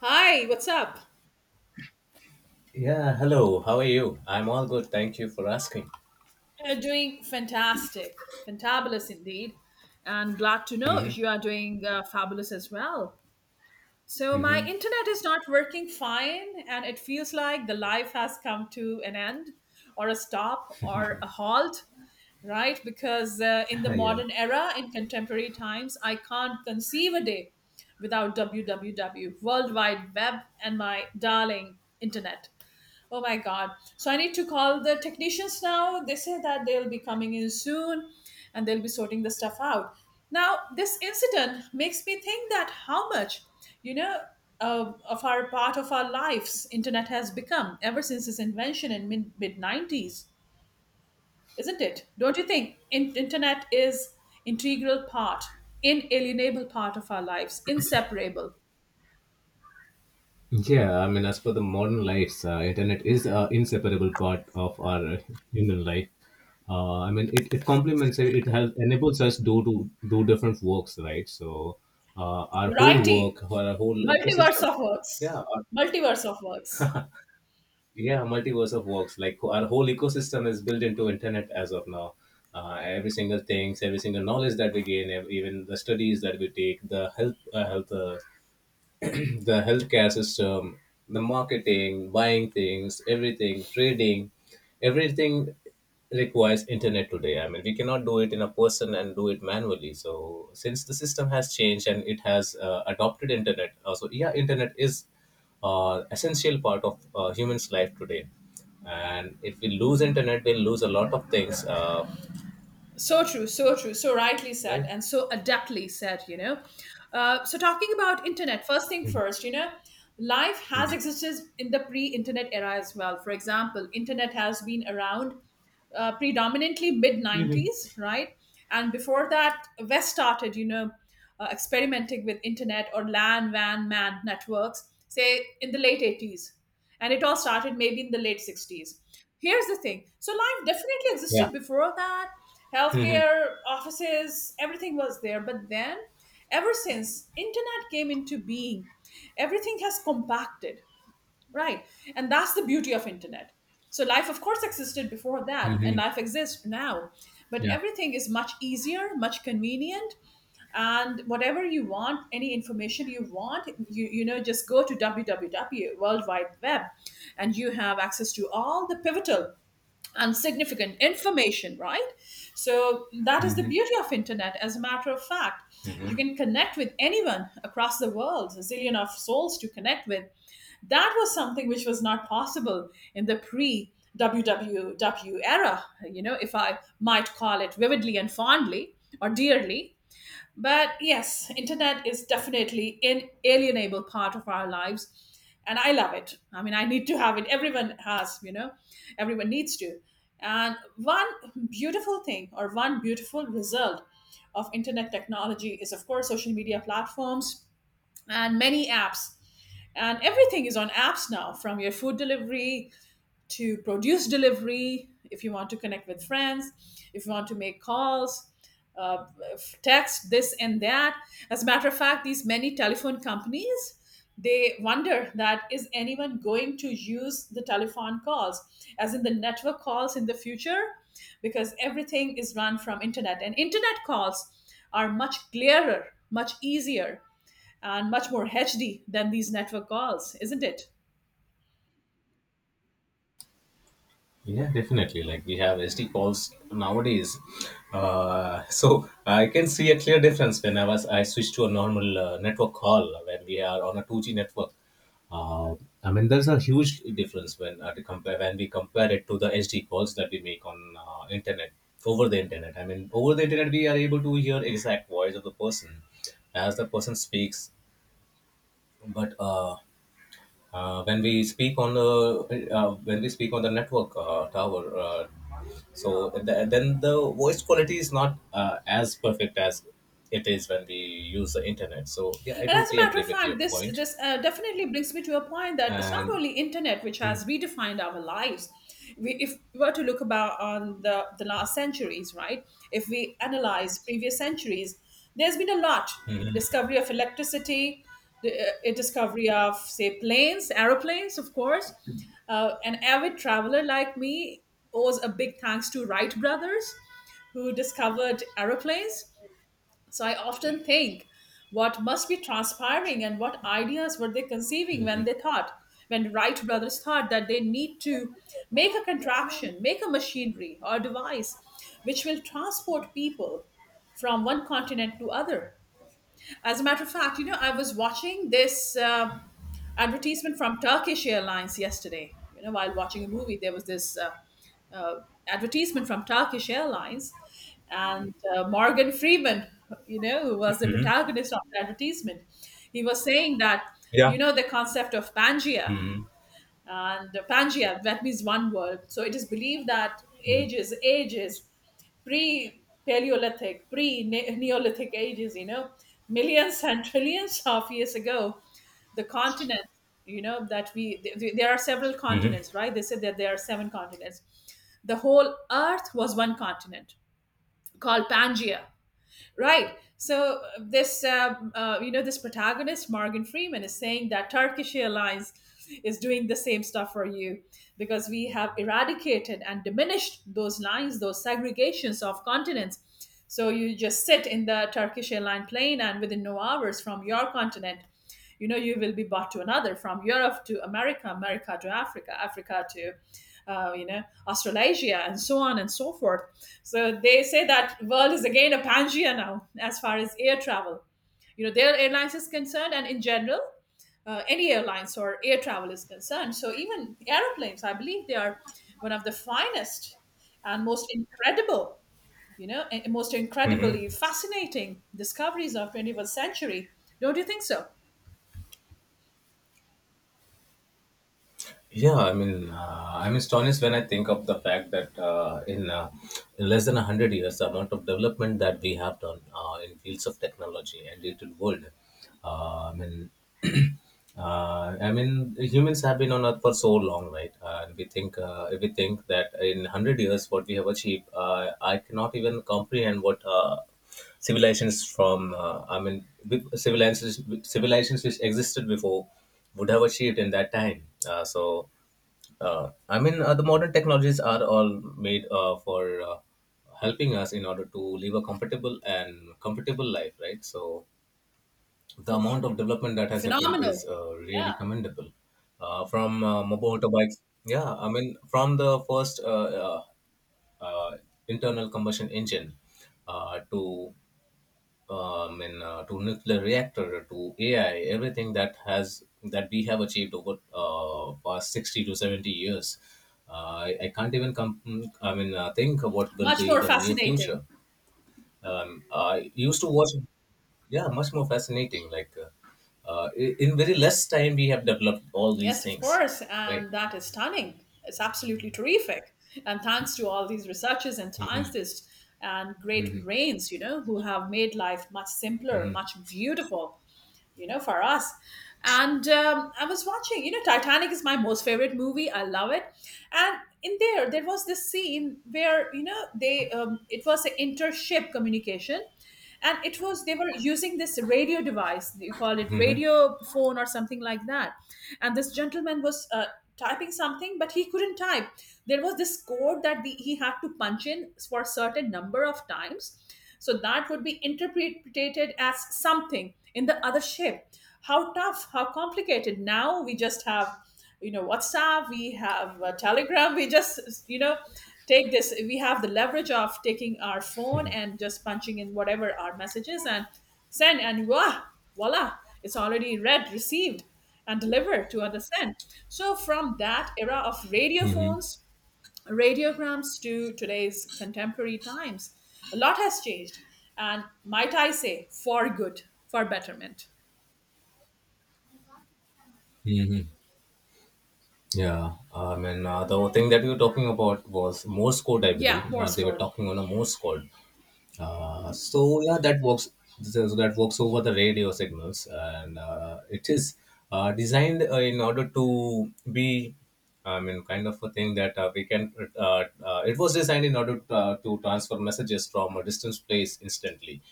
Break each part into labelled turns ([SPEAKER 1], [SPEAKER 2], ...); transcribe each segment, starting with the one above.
[SPEAKER 1] Hi, what's up?
[SPEAKER 2] Yeah, hello. How are you? I'm all good. Thank you for asking.
[SPEAKER 1] You're doing fantastic, fantabulous indeed, and glad to know
[SPEAKER 2] Mm-hmm.
[SPEAKER 1] you are doing fabulous as well. So, my
[SPEAKER 2] Mm-hmm.
[SPEAKER 1] internet is not working fine, and it feels like the life has come to an end, or a stop, or a halt. Right? Because in the
[SPEAKER 2] Yeah.
[SPEAKER 1] modern era, in contemporary times, I can't conceive a day without www, World Wide Web, and my darling internet. Oh my God. So I need to call the technicians now. They say that they'll be coming in soon and they'll be sorting the stuff out. Now, this incident makes me think that how much, you know, of our part of our lives internet has become ever since its invention in mid 90s, isn't it? Don't you think internet is integral part, inalienable part of our lives, inseparable.
[SPEAKER 2] Yeah, I mean, as for the modern lives, internet is an inseparable part of our human life. I mean, it complements it. It helps enables us do to do different works, right? So, our whole work,
[SPEAKER 1] Variety,
[SPEAKER 2] our whole
[SPEAKER 1] multiverse
[SPEAKER 2] ecosystem.
[SPEAKER 1] of
[SPEAKER 2] Yeah,
[SPEAKER 1] works,
[SPEAKER 2] our
[SPEAKER 1] multiverse of works.
[SPEAKER 2] yeah multiverse of works, like our whole ecosystem is built into internet as of now. Every single things, every single knowledge that we gain, even the studies that we take, the health the healthcare system, the marketing, buying things, everything, trading, everything requires internet today. I mean, we cannot do it in a person and do it manually. So since the system has changed and it has adopted internet, so yeah, internet is essential part of humans' life today. And if we lose internet, we'll lose a lot of things,
[SPEAKER 1] So true, so true, so rightly said,
[SPEAKER 2] right?
[SPEAKER 1] and so adeptly said. So talking about internet, first thing first, life has
[SPEAKER 2] Mhm.
[SPEAKER 1] existed in the pre-internet era as well. For example, internet has been around predominantly mid 90s, right? And before that, West started, experimenting with internet or LAN, WAN, MAN networks, say in the late 80s, and it all started maybe in the late 60s. Here's the thing. So life definitely
[SPEAKER 2] Yeah.
[SPEAKER 1] existed before that.
[SPEAKER 2] Hmm.
[SPEAKER 1] Healthcare, offices, everything was there. But then, ever since internet came into being, everything has compacted, right? And that's the beauty of internet. So life of course existed before that, and
[SPEAKER 2] Hmm.
[SPEAKER 1] life exists now, but
[SPEAKER 2] Yeah.
[SPEAKER 1] everything is much easier, much convenient. And whatever you want, any information you want, just go to www, World Wide Web, and you have access to all the pivotal and significant information, right? So that is the
[SPEAKER 2] Hmm.
[SPEAKER 1] beauty of internet. As a matter of fact, you can connect with anyone across the world, a zillion of souls to connect with. That was something which was not possible in the pre www era, if I might call it vividly and fondly or dearly. But yes, internet is definitely an alienable part of our lives, and I love it. I mean, I need to have it. Everyone has. Everyone needs to. And one beautiful thing or one beautiful result of internet technology is of course social media platforms and many apps, and everything is on apps now, from your food delivery to produce delivery. If you want to connect with friends, if you want to make calls, uh, text this and that. As a matter of fact, these many telephone companies, they wonder that is anyone going to use the telephone calls, as in the network calls, in the future, because everything is run from internet, and internet calls are much clearer, much easier, and much more HD than these network calls, isn't it?
[SPEAKER 2] Yeah, definitely. Like we have SD calls nowadays, so I can see a clear difference when I switched to a normal network call when we are on a two G network. Uh, I mean, there's a huge difference when to compare when we compare it to the SD calls that we make on internet over the internet. I mean, over the internet we are able to hear exact voice of the person as the person speaks, but when we speak on the network tower, so then the voice quality is not as perfect as it is when we use the internet. So yeah, I
[SPEAKER 1] And as a
[SPEAKER 2] totally
[SPEAKER 1] matter
[SPEAKER 2] agree
[SPEAKER 1] of
[SPEAKER 2] with your
[SPEAKER 1] fact, this
[SPEAKER 2] point.
[SPEAKER 1] this uh, definitely brings me to a point that it's not
[SPEAKER 2] And
[SPEAKER 1] only internet which has redefined our lives. We, if we were to look about on the last centuries, right? If we analyze previous centuries, there's been a lot discovery of electricity, the discovery of say planes, aeroplanes, of course. An avid traveler like me owes a big thanks to Wright brothers, who discovered aeroplanes. So I often think what must be transpiring and what ideas were they conceiving when they thought, when Wright brothers thought that they need to make a contraption, make a machinery or device which will transport people from one continent to other. As a matter of fact, you know, I was watching this advertisement from Turkish Airlines yesterday. You know, while watching a movie, there was this uh, advertisement from Turkish Airlines, and Morgan Freeman, you know, who was the
[SPEAKER 2] Mhm.
[SPEAKER 1] protagonist of the advertisement, he was saying that,
[SPEAKER 2] Yeah.
[SPEAKER 1] you know, the concept of Pangea,
[SPEAKER 2] Hmm.
[SPEAKER 1] and Pangea, that means one world. So it is believed that ages, ages, pre Paleolithic, pre Neolithic ages, you know, millions and trillions of years ago, the continent, you know, that we, there are several
[SPEAKER 2] Hmm.
[SPEAKER 1] continents, right? They said that there are seven continents. The whole earth was one continent called Pangea. Right. So this, you know, this protagonist Morgan Freeman is saying that Turkish Airlines is doing the same stuff for you, because we have eradicated and diminished those lines, those segregations of continents. So you just sit in the Turkish airline plane, and within no hours from your continent, you know, you will be brought to another, from Europe to America, America to Africa, Africa to, you know, Australasia, and so on and so forth. So they say that world is again a Pangea now, as far as air travel, you know, their airlines is concerned, and in general, any airlines or air travel is concerned. So even airplanes, I believe they are one of the finest and most incredible, you know, and most
[SPEAKER 2] Hmm.
[SPEAKER 1] incredibly fascinating discoveries of 21st century, don't you think so?
[SPEAKER 2] Yeah, I mean, I'm astonished when I think of the fact that in less than 100 years, the amount of development that we have done in fields of technology and digital world. I mean, I mean, humans have been on Earth for so long, right? If we think that in 100 years, what we have achieved, I cannot even comprehend what. Civilizations from I mean with civilizations civilizations which existed before would have achieved in that time. I mean the modern technologies are all made for helping us in order to live a comfortable and comfortable life, right? So the amount of development that has happened is
[SPEAKER 1] Phenomenal.
[SPEAKER 2] really
[SPEAKER 1] Yeah.
[SPEAKER 2] commendable. From mobile motorbikes, yeah, I mean from the first uh, internal combustion engine to to nuclear reactor to AI, everything that we have achieved over past 60 to 70 years. Uh, I can't even come. I mean, think of what will
[SPEAKER 1] Much
[SPEAKER 2] be
[SPEAKER 1] more
[SPEAKER 2] the near
[SPEAKER 1] fascinating.
[SPEAKER 2] future. I used to watch, yeah, much more fascinating. Like in very less time, we have developed all these
[SPEAKER 1] Yes, of
[SPEAKER 2] things,
[SPEAKER 1] course.
[SPEAKER 2] right?
[SPEAKER 1] And that is stunning. It's absolutely terrific. And thanks to all these researchers and scientists and great brains, you know, who have made life much simpler,
[SPEAKER 2] Mm-hmm.
[SPEAKER 1] much beautiful, you know, for us. And I was watching, you know, Titanic is my most favorite movie. I love it. And in there, there was this scene where, you know, it was an inter-ship communication. And it was, they were using this radio device, you call it radio phone or something like that. And this gentleman was typing something, but he couldn't type. There was this code that he had to punch in for a certain number of times so that would be interpreted as something in the other shape. How tough, how complicated. Now we just have, you know, WhatsApp, we have Telegram, we just, you know, take this. We have the leverage of taking our phone
[SPEAKER 2] Mm-hmm.
[SPEAKER 1] and just punching in whatever our messages and send, and voila, voila, it's already read, received, and delivered to understand. So from that era of radio phones, radiograms to today's contemporary times, a lot has changed. And might I say, for good, for betterment.
[SPEAKER 2] Mm-hmm. Yeah, I mean, the thing that we were talking about was Morse code, I
[SPEAKER 1] Yeah,
[SPEAKER 2] believe.
[SPEAKER 1] Morse
[SPEAKER 2] They were
[SPEAKER 1] code.
[SPEAKER 2] talking on a Morse code. So yeah, that works. That works over the radio signals, and it is designed in order to be, I mean, kind of a thing that we can. It was designed in order to transfer messages from a distance place instantly.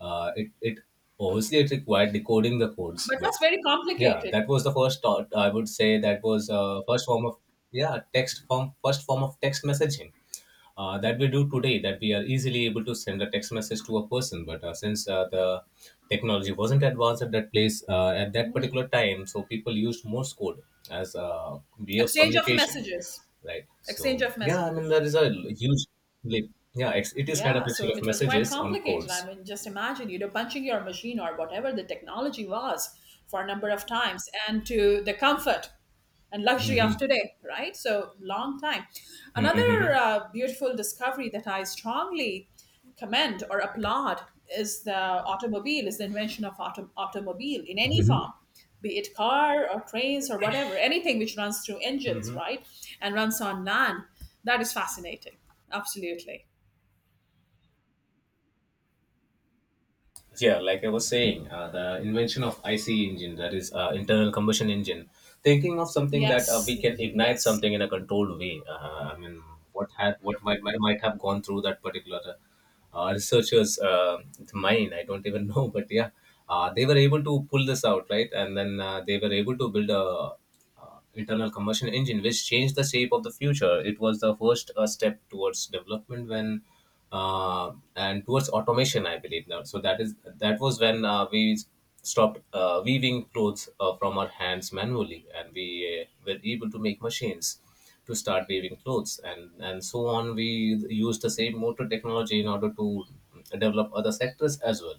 [SPEAKER 2] It it obviously it required decoding the codes,
[SPEAKER 1] But
[SPEAKER 2] but
[SPEAKER 1] that's very
[SPEAKER 2] yeah,
[SPEAKER 1] complicated.
[SPEAKER 2] that was the first thought. I would say that was first form of yeah text form first form of text messaging that we do today, that we are easily able to send a text message to a person, but since the technology wasn't advanced at that place at that particular time, so people used Morse code as a way of
[SPEAKER 1] Exchange of
[SPEAKER 2] communication,
[SPEAKER 1] messages.
[SPEAKER 2] right.
[SPEAKER 1] Exchange
[SPEAKER 2] So
[SPEAKER 1] of
[SPEAKER 2] yeah, I mean
[SPEAKER 1] messages.
[SPEAKER 2] there is a huge leap. Yeah, it is kind of
[SPEAKER 1] Yeah,
[SPEAKER 2] a
[SPEAKER 1] so
[SPEAKER 2] exchange of
[SPEAKER 1] it was quite
[SPEAKER 2] messages on
[SPEAKER 1] complicated.
[SPEAKER 2] codes.
[SPEAKER 1] I mean, just imagine, you know, punching your machine or whatever the technology was for a number of times, and to the comfort and luxury of today, right? So long time.
[SPEAKER 2] Hmm, hmm, hmm,
[SPEAKER 1] Another
[SPEAKER 2] hmm.
[SPEAKER 1] beautiful discovery that I strongly commend or applaud is the automobile, is the invention of automobile in any form, be it car or trains or whatever, anything which runs through engines, right, and runs on land. That is fascinating. Absolutely.
[SPEAKER 2] Yeah, like I was saying, the invention of IC engine, that is internal combustion engine, thinking of something that we
[SPEAKER 1] Yes.
[SPEAKER 2] can ignite
[SPEAKER 1] Yes.
[SPEAKER 2] something in a controlled way, I mean what had what might have gone through that particular researchers mind, I don't even know, but yeah they were able to pull this out, right. And then they were able to build a internal combustion engine, which changed the shape of the future. It was the first step towards development when and towards automation, I believe now. So that was when we stopped weaving clothes from our hands manually, and we were able to make machines to start weaving clothes, and so on. We use the same motor technology in order to develop other sectors as well.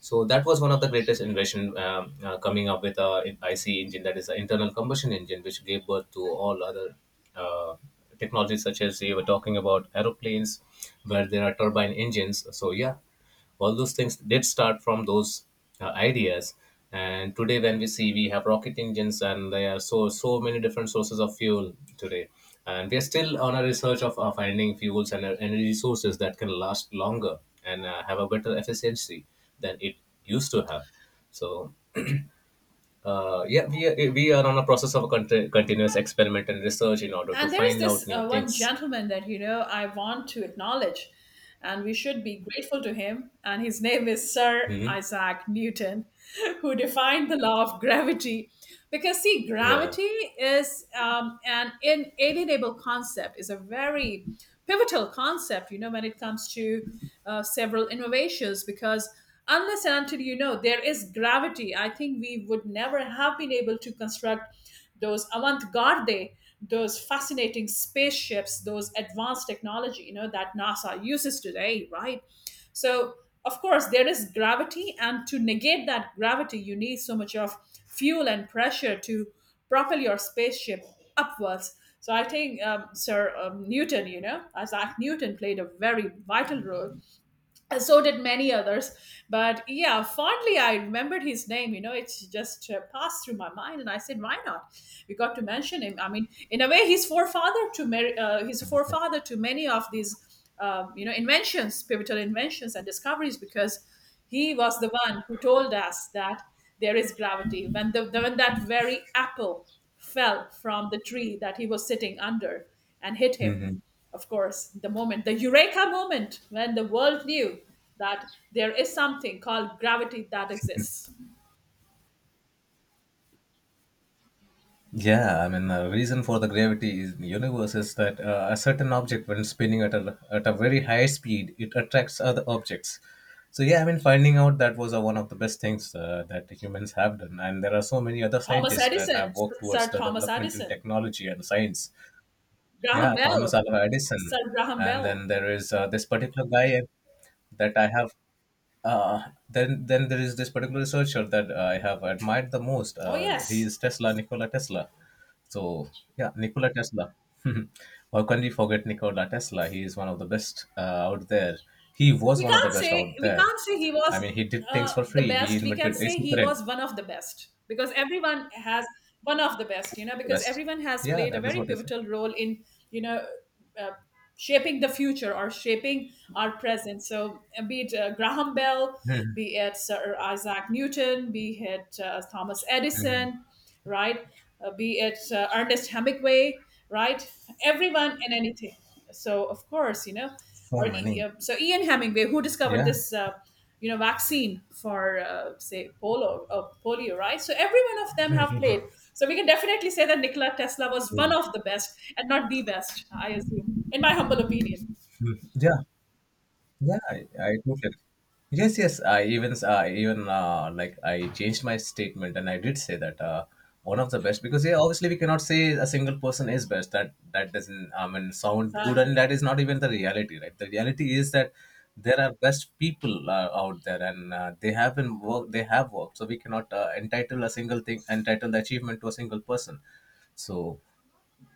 [SPEAKER 2] So that was one of the greatest invention, coming up with a IC engine, that is an internal combustion engine, which gave birth to all other uh, technologies, such as you were talking about aeroplanes, where there are turbine engines. So yeah, all those things did start from those ideas. And today when we see, we have rocket engines, and there are so so many different sources of fuel today, and we are still on a research of finding fuels and energy sources that can last longer and have a better efficiency than it used to have. So yeah, we are on a process of a continuous experiment and research in order to
[SPEAKER 1] And there is
[SPEAKER 2] find out
[SPEAKER 1] this
[SPEAKER 2] new
[SPEAKER 1] one
[SPEAKER 2] things.
[SPEAKER 1] gentleman that, you know, I want to acknowledge, and we should be grateful to him. And his name is Sir
[SPEAKER 2] Hmm.
[SPEAKER 1] Isaac Newton, who defined the law of gravity. Because see,
[SPEAKER 2] Yeah.
[SPEAKER 1] gravity is an inalienable concept, is a very pivotal concept. You know, when it comes to several innovations, because unless and until, you know, there is gravity, I think we would never have been able to construct those avant-garde, those fascinating spaceships, those advanced technology, you know, that NASA uses today, right? So of course there is gravity, and to negate that gravity you need so much of fuel and pressure to propel your spaceship upwards. So I think, Sir Newton, you know, Isaac Newton played a very vital role, and so did many others. But yeah, fondly I remembered his name, you know, it just passed through my mind and I said, why not, we got to mention him. I mean, in a way he's forefather to Mary, he's a forefather to many of these you know, inventions, pivotal inventions and discoveries, because he was the one who told us that there is gravity, when the when that very apple fell from the tree that he was sitting under and hit him. Of course, the moment, the eureka moment when the world knew that there is something called gravity that exists.
[SPEAKER 2] Yeah, I mean, the reason for the gravity is in the universe is that a certain object, when spinning at at a very high speed, it attracts other objects. So, yeah, I mean, finding out that was one of the best things that humans have done. And there are so many other
[SPEAKER 1] Thomas
[SPEAKER 2] scientists that have
[SPEAKER 1] Edison,
[SPEAKER 2] worked towards
[SPEAKER 1] Sir
[SPEAKER 2] the
[SPEAKER 1] Thomas
[SPEAKER 2] development in
[SPEAKER 1] Edison,
[SPEAKER 2] technology and science.
[SPEAKER 1] Graham
[SPEAKER 2] Yeah, Thomas
[SPEAKER 1] Bell,
[SPEAKER 2] Alva Edison.
[SPEAKER 1] Sir Graham
[SPEAKER 2] And then
[SPEAKER 1] Bell.
[SPEAKER 2] there is this particular guy that I have. Uh, then there is this particular researcher that I have admired the most.
[SPEAKER 1] Oh,
[SPEAKER 2] He
[SPEAKER 1] yes.
[SPEAKER 2] is Tesla, Nikola Tesla. So yeah, Nikola Tesla. How can we forget Nikola Tesla? He is one of the best out there. He was
[SPEAKER 1] we
[SPEAKER 2] one of the
[SPEAKER 1] can't
[SPEAKER 2] best
[SPEAKER 1] say
[SPEAKER 2] out
[SPEAKER 1] we
[SPEAKER 2] there.
[SPEAKER 1] can't say he
[SPEAKER 2] I
[SPEAKER 1] was
[SPEAKER 2] mean, he did things for
[SPEAKER 1] the
[SPEAKER 2] free. He
[SPEAKER 1] best. We can
[SPEAKER 2] invented
[SPEAKER 1] say
[SPEAKER 2] AC
[SPEAKER 1] he
[SPEAKER 2] current,
[SPEAKER 1] was one of the best, because everyone has one of the best, you know,
[SPEAKER 2] the
[SPEAKER 1] because
[SPEAKER 2] best.
[SPEAKER 1] everyone has
[SPEAKER 2] Yeah,
[SPEAKER 1] played a
[SPEAKER 2] that is
[SPEAKER 1] very
[SPEAKER 2] what I said.
[SPEAKER 1] pivotal role in, you know, uh, shaping the future or shaping our present. So be it Graham Bell, be it Sir Isaac Newton, be it Thomas Edison, right? Be it Ernest Hemingway, right? Everyone and anything. So of course, you know,
[SPEAKER 2] So
[SPEAKER 1] or
[SPEAKER 2] many.
[SPEAKER 1] Ian Hemingway, who discovered
[SPEAKER 2] Yeah.
[SPEAKER 1] this, you know, vaccine for say polo, polio, right? So every one of them have played. So we can definitely say that Nikola Tesla was one
[SPEAKER 2] Truly.
[SPEAKER 1] of the best, and not the best, I assume, in my humble opinion.
[SPEAKER 2] Mm. Yeah. Yeah, I totally. Yes, yes. I even like I changed my statement and I did say that one of the best, because yeah, obviously we cannot say a single person is best. That doesn't I mean sound good and
[SPEAKER 1] Exactly.
[SPEAKER 2] that is not even the reality, right? The reality is that there are best people out there and they have worked. So we cannot entitle the achievement to a single person. So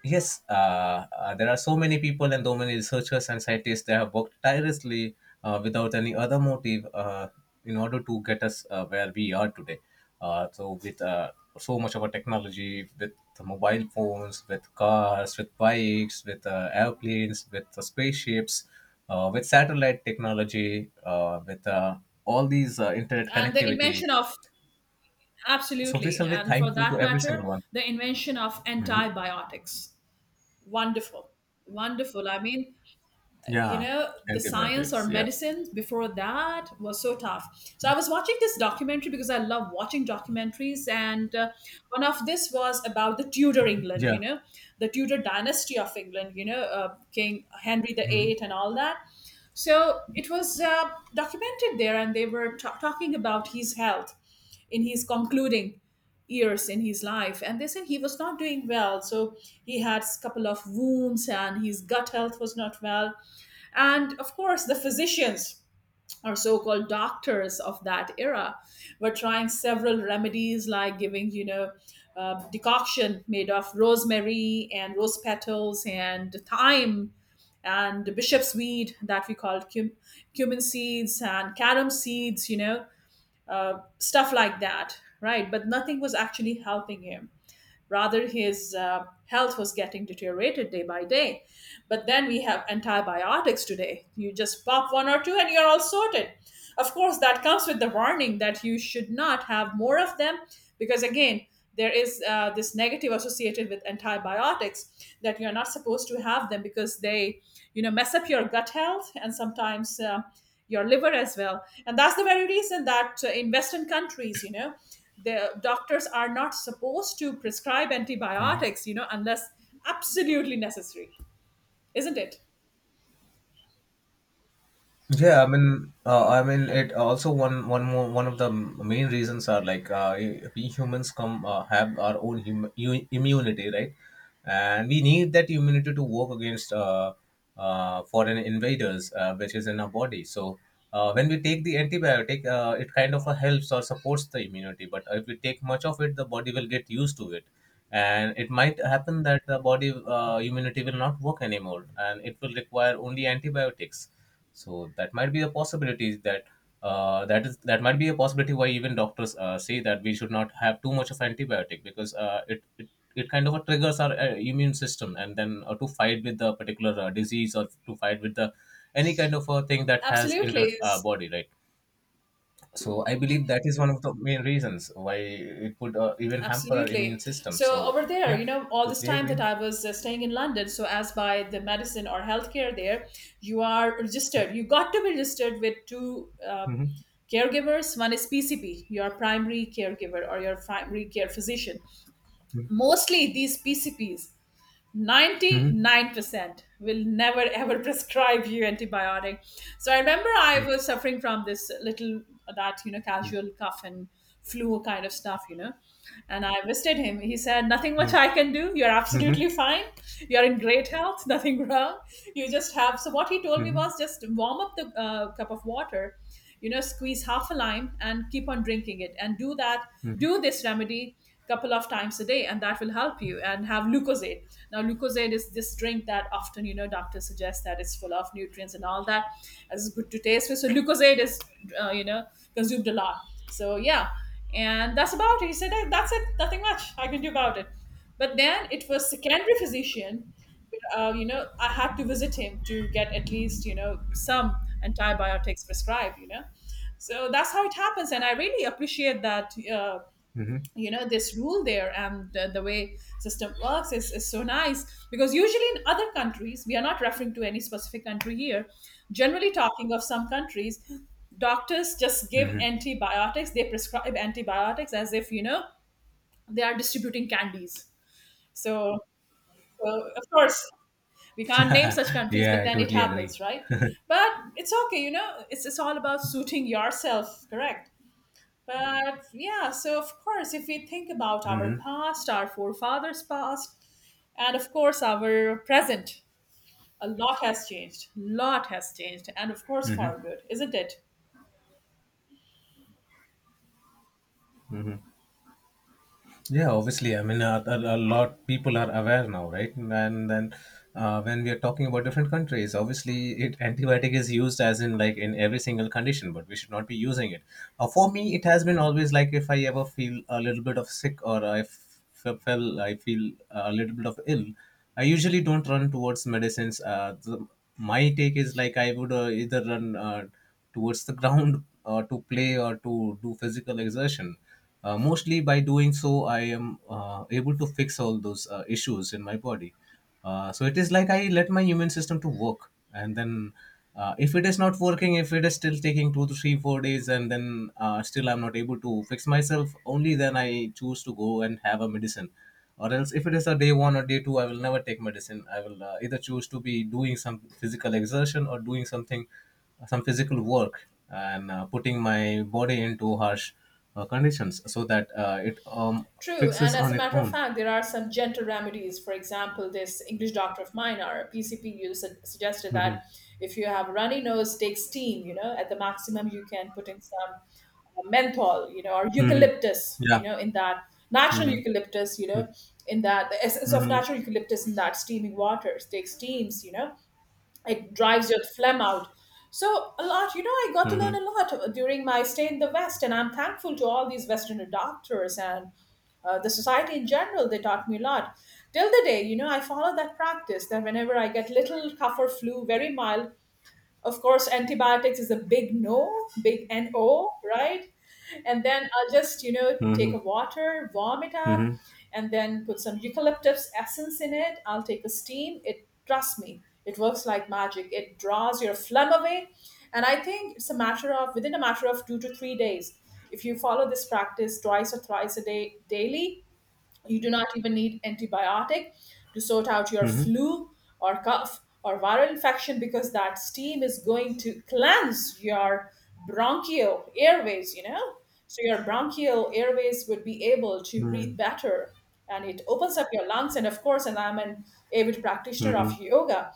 [SPEAKER 2] yes, there are so many people and so many researchers and scientists that have worked tirelessly without any other motive in order to get us where we are today. So, with so much of our technology, with the mobile phones, with cars, with bikes, with airplanes, with spaceships, with satellite technology, with all these internet
[SPEAKER 1] And the
[SPEAKER 2] connectivity.
[SPEAKER 1] invention of,
[SPEAKER 2] So, we
[SPEAKER 1] absolutely,
[SPEAKER 2] shall be
[SPEAKER 1] and for
[SPEAKER 2] thankful
[SPEAKER 1] that
[SPEAKER 2] to every single
[SPEAKER 1] matter,
[SPEAKER 2] one.
[SPEAKER 1] the invention of
[SPEAKER 2] Mhm.
[SPEAKER 1] antibiotics. Wonderful. Wonderful. I mean, you
[SPEAKER 2] Yeah,
[SPEAKER 1] know, the science or
[SPEAKER 2] antibiotics. Yeah.
[SPEAKER 1] medicine before that was so tough. So I was watching this documentary because I love watching documentaries, and one of this was about the Tudor England, you
[SPEAKER 2] Yeah.
[SPEAKER 1] know, the Tudor dynasty of England, you know, King Henry the
[SPEAKER 2] Mhm.
[SPEAKER 1] Eighth and all that. So it was documented there, and they were ta talking about his health in his concluding years in his life, and they said he was not doing well. So he had a couple of wounds and his gut health was not well, and of course, the physicians or so called doctors of that era were trying several remedies like giving, you know, decoction made of rosemary and rose petals and thyme and bishop's weed that we called cumin seeds and carom seeds, you know, stuff like that, right? But nothing was actually helping him. Rather, his health was getting deteriorated day by day. But then we have antibiotics today. You just pop one or two and you're all sorted. Of course, that comes with the warning that you should not have more of them because, again, there is this negative associated with antibiotics, that you're not supposed to have them because they, you know, mess up your gut health and sometimes your liver as well. And that's the very reason that in Western countries, you know, the doctors are not supposed to prescribe antibiotics, you know, unless absolutely necessary, isn't it?
[SPEAKER 2] Yeah, I mean, it also one of the main reasons are like we humans come have our own immunity, right? And we need that immunity to work against foreign invaders, which is in our body. So when we take the antibiotic, it kind of helps or supports the immunity. But if we take much of it, the body will get used to it, and it might happen that the body immunity will not work anymore, and it will require only antibiotics. So that might be a possibility that that is that might be a possibility why even doctors say that we should not have too much of antibiotic, because it kind of triggers our immune system and then to fight with the particular disease or to fight with the any kind of a thing that has entered
[SPEAKER 1] Absolutely.
[SPEAKER 2] our body, right? So I believe that is one of the main reasons why it would even hamper our immune
[SPEAKER 1] Absolutely.
[SPEAKER 2] system.
[SPEAKER 1] So
[SPEAKER 2] So
[SPEAKER 1] over there, you
[SPEAKER 2] yeah,
[SPEAKER 1] know, all this
[SPEAKER 2] totally
[SPEAKER 1] time that
[SPEAKER 2] agree.
[SPEAKER 1] I was staying in London, so as by the medicine or healthcare there, you are registered, you got to be registered with two
[SPEAKER 2] Mhm,
[SPEAKER 1] caregivers. One is PCP, your primary caregiver or your primary care physician. Mostly these PCPs,
[SPEAKER 2] mhm,
[SPEAKER 1] 99% will never ever prescribe you antibiotic. So I remember I was suffering from this little, that you know, casual cough and flu kind of stuff, you know, and I visited him. He said, nothing much I can do, you're
[SPEAKER 2] mhm,
[SPEAKER 1] absolutely fine, you're in great health, nothing wrong, you just have. So what he told me
[SPEAKER 2] mhm,
[SPEAKER 1] was, just warm up the cup of water, you know, squeeze half a lime and keep on drinking it, and do that, do this remedy couple of times a day, and that will help you, and have Leukozade. Now Leukozade is this drink that often, you know, doctors suggest that it's full of nutrients and all that, as it's good to taste with. So Leukozade is you know, consumed a lot. So yeah, and that's about it. He said, "Hey, that's it, nothing much I can do about it." But then it was secondary physician, you know, I had to visit him to get at least, you know, some antibiotics prescribed, you know. So that's how it happens, and I really appreciate that
[SPEAKER 2] mhm,
[SPEAKER 1] you know, this rule there, and the way system works is so nice. Because usually in other countries, we are not referring to any specific country here, generally talking of some countries, doctors just give
[SPEAKER 2] mhm.
[SPEAKER 1] antibiotics, they prescribe antibiotics as if, you know, they are distributing candies. So, so of course, we can't name such countries,
[SPEAKER 2] Yeah,
[SPEAKER 1] but
[SPEAKER 2] I
[SPEAKER 1] then it
[SPEAKER 2] totally agree.
[SPEAKER 1] happens, right? But it's okay, you know, it's all about suiting yourself, correct? But yeah, so of course, if we think about our
[SPEAKER 2] Mhm.
[SPEAKER 1] past, our forefathers' past, and of course our present, a lot has changed. Lot has changed, and of course for good, isn't it?
[SPEAKER 2] hmm Yeah, obviously. I mean, a lot people are aware now, right? And then when we are talking about different countries, obviously, it antibiotic is used as in like in every single condition, but we should not be using it. For me, it has been always like if I ever feel a little bit of sick or I I feel a little bit of ill, I usually don't run towards medicines. My take is like I would either run towards the ground or to play or to do physical exertion. Mostly by doing so, I am able to fix all those issues in my body. So it is like I let my immune system to work, and then if it is not working, if it is still taking two to three, 4 days, and then still I'm not able to fix myself, only then I choose to go and have a medicine. Or else, if it is a day one or day two, I will never take medicine. I will either choose to be doing some physical exertion or doing something some physical work and putting my body into harsh conditions so that it
[SPEAKER 1] True,
[SPEAKER 2] fixes
[SPEAKER 1] and as
[SPEAKER 2] on
[SPEAKER 1] a
[SPEAKER 2] its
[SPEAKER 1] matter of
[SPEAKER 2] own.
[SPEAKER 1] fact, there are some gentle remedies. For example, this English doctor of mine, our PCP, you suggested
[SPEAKER 2] Hmm.
[SPEAKER 1] that if you have runny nose, take steam. You know, at the maximum, you can put in some menthol, you know, or
[SPEAKER 2] Hmm.
[SPEAKER 1] eucalyptus, you
[SPEAKER 2] Yeah.
[SPEAKER 1] know, in that natural
[SPEAKER 2] Hmm.
[SPEAKER 1] eucalyptus, you know, in that, the essence of
[SPEAKER 2] Hmm.
[SPEAKER 1] natural eucalyptus in that steaming waters. Take steams, you know, it drives your phlegm out. So a lot, you know, I got to
[SPEAKER 2] Hmm.
[SPEAKER 1] learn a lot during my stay in the West, and I'm thankful to all these Western doctors and the society in general, they taught me a lot. Till the day, you know, I follow that practice that whenever I get little cough or flu, very mild, of course, antibiotics is a big no, big NO, right? And then I'll just, you know,
[SPEAKER 2] Hmm.
[SPEAKER 1] take a water, warm it up,
[SPEAKER 2] Hmm.
[SPEAKER 1] and then put some eucalyptus essence in it. I'll take a steam. It, trust me, it works like magic. It draws your phlegm away. And I think it's a matter of, within a matter of 2 to 3 days, if you follow this practice twice or thrice a day daily, you do not even need antibiotic to sort out your
[SPEAKER 2] Hmm.
[SPEAKER 1] flu or cough or viral infection, because that steam is going to cleanse your bronchial airways, you know? So your bronchial airways would be able to breathe
[SPEAKER 2] Hmm.
[SPEAKER 1] better, and it opens up your lungs. And of course, and I'm an avid practitioner of
[SPEAKER 2] Hmm.
[SPEAKER 1] yoga,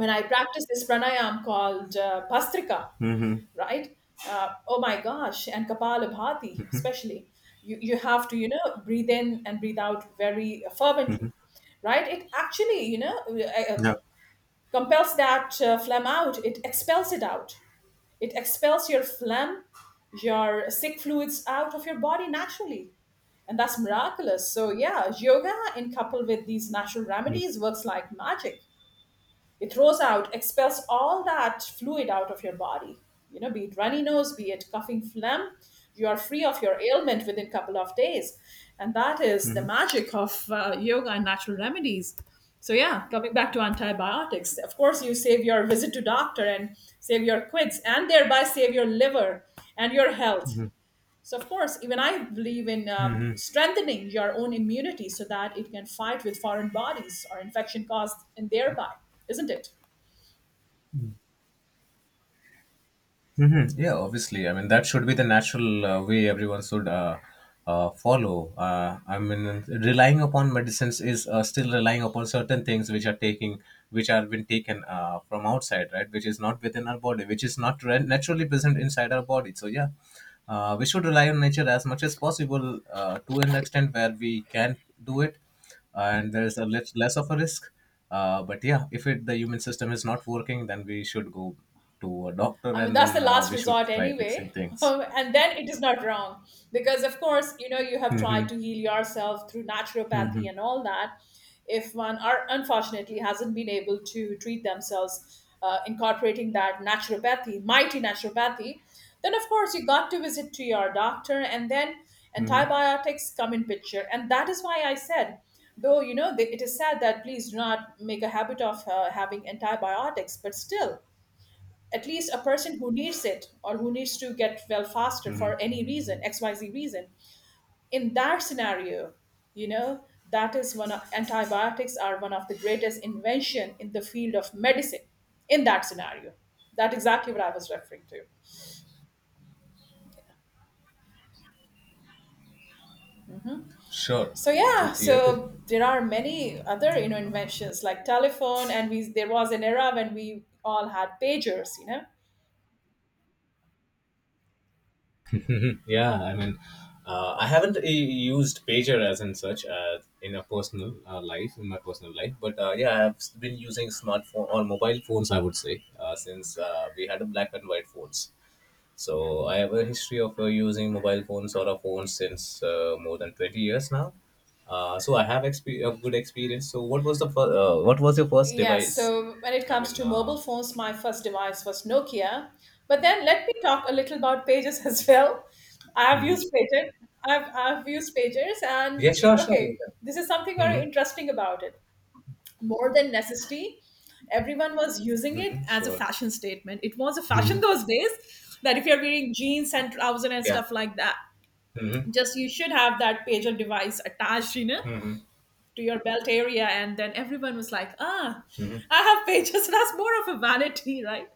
[SPEAKER 1] when I practice this pranayam called Bastrika,
[SPEAKER 2] Hmm.
[SPEAKER 1] right? Oh my gosh, and Kapalabhati, especially. You have to, you know, breathe in and breathe out very fervently, right? It actually, you know,
[SPEAKER 2] Yeah.
[SPEAKER 1] compels that phlegm out, it expels it out. It expels your phlegm, your sick fluids out of your body naturally. And that's miraculous. So, yeah, yoga in couple with these natural remedies works like magic. It throws out, expels all that fluid out of your body. You know, be it runny nose, be it coughing phlegm, you are free of your ailment within a couple of days. And that is
[SPEAKER 2] Hmm.
[SPEAKER 1] the magic of yoga and natural remedies. So yeah, coming back to antibiotics, of course you save your visit to doctor and save your quids and thereby save your liver and your health.
[SPEAKER 2] Hmm.
[SPEAKER 1] So of course, even I believe in
[SPEAKER 2] Hmm.
[SPEAKER 1] strengthening your own immunity so that it can fight with foreign bodies or infection caused in thereby, isn't it?
[SPEAKER 2] Hmm. Yeah, obviously. I mean, that should be the natural way everyone should follow. I mean, relying upon medicines is still relying upon certain things which are which are been taken from outside, right? Which is not within our body, which is not re- naturally present inside our body. So yeah, we should rely on nature as much as possible to an extent where we can do it and there's a less of a risk. But yeah, if it, the human system is not working, then we should go to a doctor
[SPEAKER 1] I mean,
[SPEAKER 2] and
[SPEAKER 1] that's the
[SPEAKER 2] then
[SPEAKER 1] last
[SPEAKER 2] we should
[SPEAKER 1] resort
[SPEAKER 2] try fixing
[SPEAKER 1] anyway.
[SPEAKER 2] things.
[SPEAKER 1] And then it is not wrong, because, of course, you know, you have tried
[SPEAKER 2] Hmm.
[SPEAKER 1] to heal yourself through
[SPEAKER 2] Hmm.
[SPEAKER 1] naturopathy and all that. If one are, unfortunately hasn't been able to treat themselves, incorporating that naturopathy, mighty naturopathy, then of course you got to visit to your doctor, and then
[SPEAKER 2] Hmm.
[SPEAKER 1] antibiotics come in picture. And that is why I said, though, you know, they, it is said that please do not make a habit of having antibiotics, but still, at least a person who needs it, or who needs to get well faster
[SPEAKER 2] Hmm.
[SPEAKER 1] for any reason, xyz reason, in that scenario, you know, that is one of, antibiotics are one of the greatest invention in the field of medicine, in that scenario. That exactly what I was referring to.
[SPEAKER 2] Sure,
[SPEAKER 1] So
[SPEAKER 2] I
[SPEAKER 1] yeah,
[SPEAKER 2] totally agree.
[SPEAKER 1] so there are many other, you know, inventions like telephone, and we, there was an era when we all had pagers, you know.
[SPEAKER 2] Mhm. Yeah, I mean, I haven't used pager as in such in a personal life, in my personal life. But yeah, I've been using smartphone or mobile phones, I would say, since we had a black and white phones. So I have a history of using mobile phones or a phone since more than 20 years now. So I have a good experience. So what was the what was your first
[SPEAKER 1] Yeah,
[SPEAKER 2] device?
[SPEAKER 1] so when it
[SPEAKER 2] I
[SPEAKER 1] comes
[SPEAKER 2] mean,
[SPEAKER 1] to mobile phones, my first device was Nokia. But then let me talk a little about pages as well. I've
[SPEAKER 2] Mhm.
[SPEAKER 1] used pages. I've used pages, and
[SPEAKER 2] Yeah, sure,
[SPEAKER 1] eh,
[SPEAKER 2] sure, you
[SPEAKER 1] okay, this is something very
[SPEAKER 2] can.
[SPEAKER 1] interesting about it. More than necessity, everyone was
[SPEAKER 2] Mm-hmm.
[SPEAKER 1] using it
[SPEAKER 2] Mm-hmm.
[SPEAKER 1] as a
[SPEAKER 2] Sure.
[SPEAKER 1] fashion statement. It was a
[SPEAKER 2] Mhm.
[SPEAKER 1] fashion those days that if you're wearing jeans and trousers and
[SPEAKER 2] Yeah.
[SPEAKER 1] stuff like that,
[SPEAKER 2] Mm-hmm.
[SPEAKER 1] just you should have that pager device attached, you know,
[SPEAKER 2] Mm-hmm.
[SPEAKER 1] to your belt area, and then everyone was like, ah,
[SPEAKER 2] Mm-hmm.
[SPEAKER 1] I have pages, that's more of a vanity, right?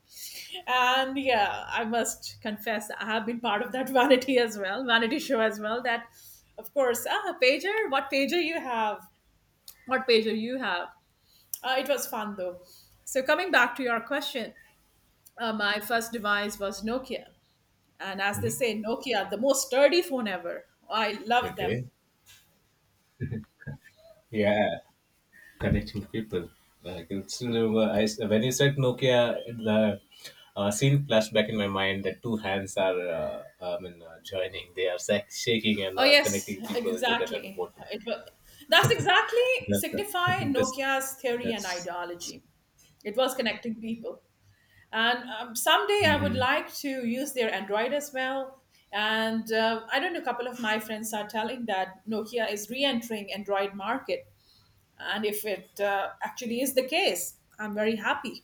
[SPEAKER 1] And yeah, I must confess, I have been part of that vanity as well, vanity show as well. That of course, ah, pager, what pager you have, what pager you have, it was fun though. So coming back to your question, my first device was Nokia. And as they
[SPEAKER 2] Mm-hmm.
[SPEAKER 1] say, Nokia, the most sturdy phone ever. I love them.
[SPEAKER 2] Okay. Yeah. Connecting to people. Like it's still, I, s when you said Nokia, the scene flashed back in my mind that two hands are, I mean, joining. They are shaking and
[SPEAKER 1] Oh yes,
[SPEAKER 2] connecting people. Is it at the
[SPEAKER 1] exactly.
[SPEAKER 2] bottom?
[SPEAKER 1] It was, that's exactly
[SPEAKER 2] That's the,
[SPEAKER 1] signify
[SPEAKER 2] that's
[SPEAKER 1] Nokia's theory and
[SPEAKER 2] that's.
[SPEAKER 1] ideology. It was connecting people, and someday I would
[SPEAKER 2] Mhm.
[SPEAKER 1] like to use their Android as well. And I don't know. A couple of my friends are telling that Nokia is re-entering Android market, and if it actually is the case, I'm very happy.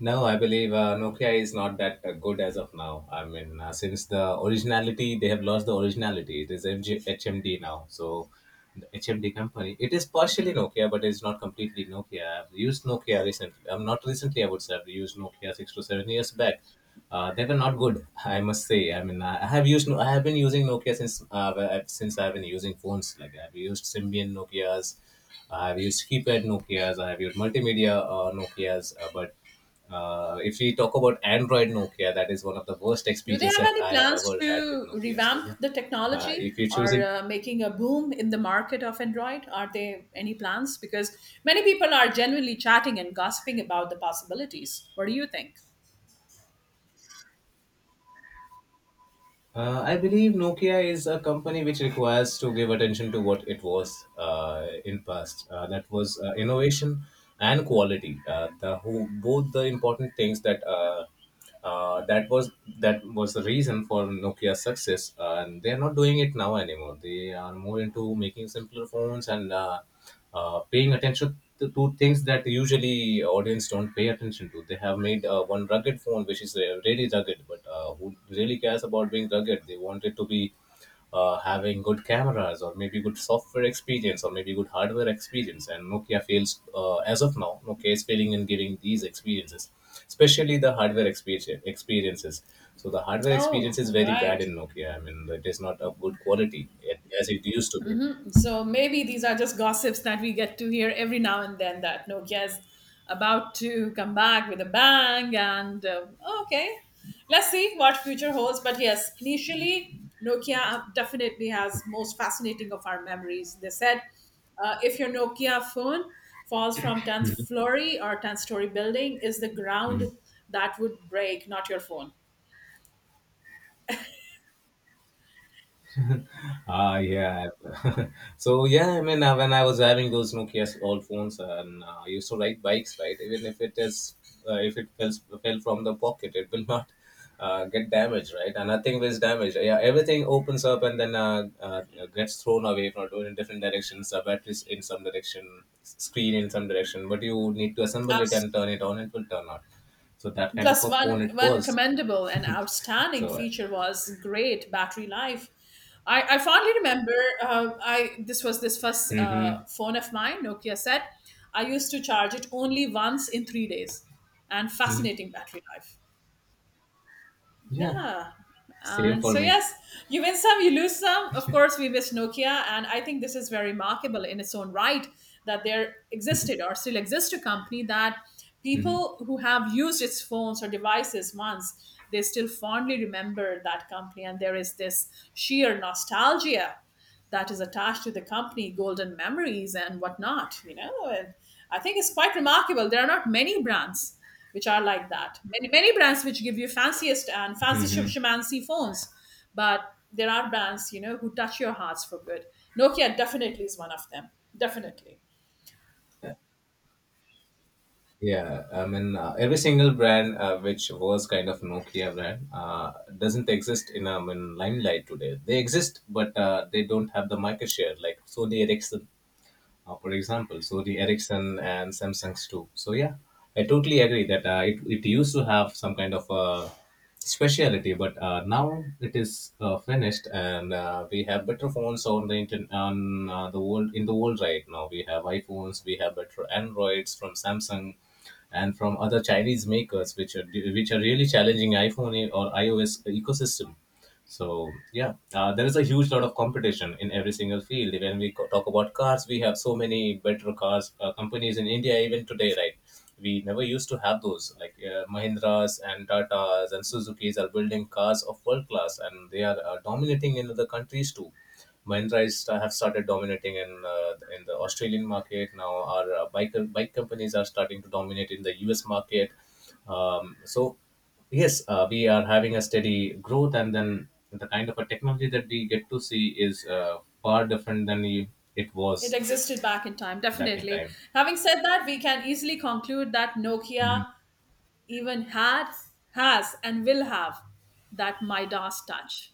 [SPEAKER 2] No, I believe Nokia is not that good as of now. I mean, since the originality, they have lost the originality. It is MG, HMD now. So, the HMD company, it is partially Nokia, but it's not completely Nokia. I've used Nokia recently. I'm not recently, I would say, I've used Nokia 6 to 7 years back. They were not good, I must say. I mean, I have used, No, I have been using Nokia since since I've been using phones. Like I've used Symbian Nokia's, I've used keypad Nokia's, I have used multimedia Nokia's, but if we talk about Android Nokia, that is one of the worst
[SPEAKER 1] Do they have
[SPEAKER 2] experience that
[SPEAKER 1] any
[SPEAKER 2] I have ever
[SPEAKER 1] plans
[SPEAKER 2] had with
[SPEAKER 1] to
[SPEAKER 2] Nokia. So yeah,
[SPEAKER 1] revamp the technology
[SPEAKER 2] if you're
[SPEAKER 1] or
[SPEAKER 2] choosing,
[SPEAKER 1] making a boom in the market of Android? Are there any plans? Because many people are genuinely chatting and gossiping about the possibilities. What do you think?
[SPEAKER 2] I believe Nokia is a company which requires to give attention to what it was in past. That was innovation and quality. The who, both the important things that uh, that was that was the reason for Nokia's success, and they are not doing it now anymore. They are more into making simpler phones and. Paying attention to things that usually audience don't pay attention to. They have made one rugged phone, which is really rugged, but who really cares about being rugged? They want it to be having good cameras or maybe good software experience or maybe good hardware experience. And Nokia fails as of now. Nokia is failing in giving these experiences, especially the hardware experiences. So the hardware experience
[SPEAKER 1] Oh,
[SPEAKER 2] is very bad
[SPEAKER 1] right.
[SPEAKER 2] in Nokia. I mean, it is not of good quality eh, as it used to be.
[SPEAKER 1] So maybe these are just gossips that we get to hear every now and then, that Nokia is about to come back with a bang. And okay, let's see what future holds. But yes, initially, Nokia definitely has most fascinating of our memories. They said if your Nokia phone falls from 10th floor or 10th story building, is the ground that would break, not your phone.
[SPEAKER 2] Ah, yeah. So yeah, I mean, when I was having those Nokia old phones, and I used to ride bikes, right? Even if it is, if it fell, fell from the pocket, it will not get damaged, right? And nothing was damaged. Yeah, everything opens up and then gets thrown away from in different directions. Batteries in some direction, screen in some direction, but you need to assemble it and
[SPEAKER 1] Absolutely.
[SPEAKER 2] turn it on. It will turn on. So that kind of
[SPEAKER 1] Plus,
[SPEAKER 2] a
[SPEAKER 1] one
[SPEAKER 2] phone it
[SPEAKER 1] one
[SPEAKER 2] was.
[SPEAKER 1] commendable and outstanding
[SPEAKER 2] So.
[SPEAKER 1] feature was great battery life. I fondly remember I, this was this first
[SPEAKER 2] Mm-hmm,
[SPEAKER 1] phone of mine, Nokia set. I used to charge it only once in 3 days, and
[SPEAKER 2] hmm
[SPEAKER 1] fascinating battery life.
[SPEAKER 2] yeah,
[SPEAKER 1] Yeah.
[SPEAKER 2] same
[SPEAKER 1] And
[SPEAKER 2] for
[SPEAKER 1] so,
[SPEAKER 2] me.
[SPEAKER 1] yes, you win some, you lose some. Of course, we miss Nokia. And I think this is very remarkable in its own right, that there existed or still exists a company that
[SPEAKER 2] Mm-hmm.
[SPEAKER 1] people who have used its phones or devices once, they still fondly remember that company. And there is this sheer nostalgia that is attached to the company, golden memories and whatnot, you know. And I think it's quite remarkable. There are not many brands which are like that. Many many brands which give you fanciest and fancy
[SPEAKER 2] Mm-hmm.
[SPEAKER 1] shamancy phones, but there are brands, you know, who touch your hearts for good. Nokia definitely is one of them. Definitely.
[SPEAKER 2] Yeah, I mean, every single brand which was kind of Nokia brand doesn't exist in limelight today. They exist, but they don't have the market share like Sony Ericsson for example, Sony Ericsson and Samsung's too. So yeah, I totally agree that it used to have some kind of a speciality, but now it is finished, and we have better phones on the internet on the world in the world right now. We have iPhones, we have better Androids from Samsung, and from other Chinese makers, which are really challenging iPhone or iOS ecosystem. So yeah, there is a huge lot of competition in every single field. When we talk about cars, we have so many better cars companies in India even today, right? We never used to have those. Like Mahindras and Tatas and Suzuki's are building cars of world class, and they are dominating in other countries too. Mahindra is, have started dominating in the Australian market. Now our bike companies are starting to dominate in the US market. So yes we are having a steady growth and then the kind of a technology that we get to see is far different than it
[SPEAKER 1] It
[SPEAKER 2] was
[SPEAKER 1] existed back in time,
[SPEAKER 2] back in
[SPEAKER 1] definitely.
[SPEAKER 2] time.
[SPEAKER 1] Having said that, we can easily conclude that Nokia even had, has, and will have that Midas touch.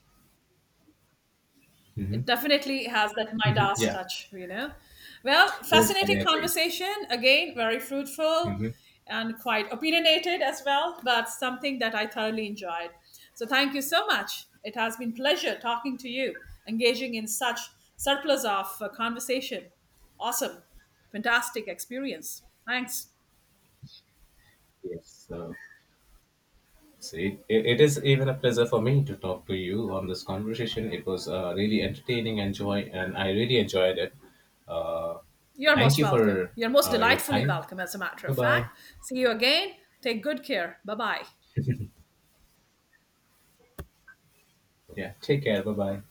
[SPEAKER 2] Mm-hmm.
[SPEAKER 1] It definitely has that
[SPEAKER 2] Hmm.
[SPEAKER 1] Midas
[SPEAKER 2] Yeah,
[SPEAKER 1] touch, you know. Well,
[SPEAKER 2] totally,
[SPEAKER 1] fascinating
[SPEAKER 2] I agreed.
[SPEAKER 1] conversation. Again, very fruitful
[SPEAKER 2] Hmm.
[SPEAKER 1] and quite opinionated as well, but something that I thoroughly enjoyed. So thank you so much. It has been pleasure talking to you, engaging in such surplus of conversation. Awesome. Fantastic experience. Thanks.
[SPEAKER 2] Yes, see it, it is even a pleasure for me to talk to you on this conversation. It was really entertaining and joy and I really enjoyed it. uh,
[SPEAKER 1] You're
[SPEAKER 2] Thank
[SPEAKER 1] most
[SPEAKER 2] you for
[SPEAKER 1] welcome. You're most
[SPEAKER 2] your
[SPEAKER 1] delightfully
[SPEAKER 2] time.
[SPEAKER 1] welcome, as a matter
[SPEAKER 2] Bye
[SPEAKER 1] of
[SPEAKER 2] bye.
[SPEAKER 1] fact. See you again. Take good care. Bye bye.
[SPEAKER 2] Yeah, take care, bye bye.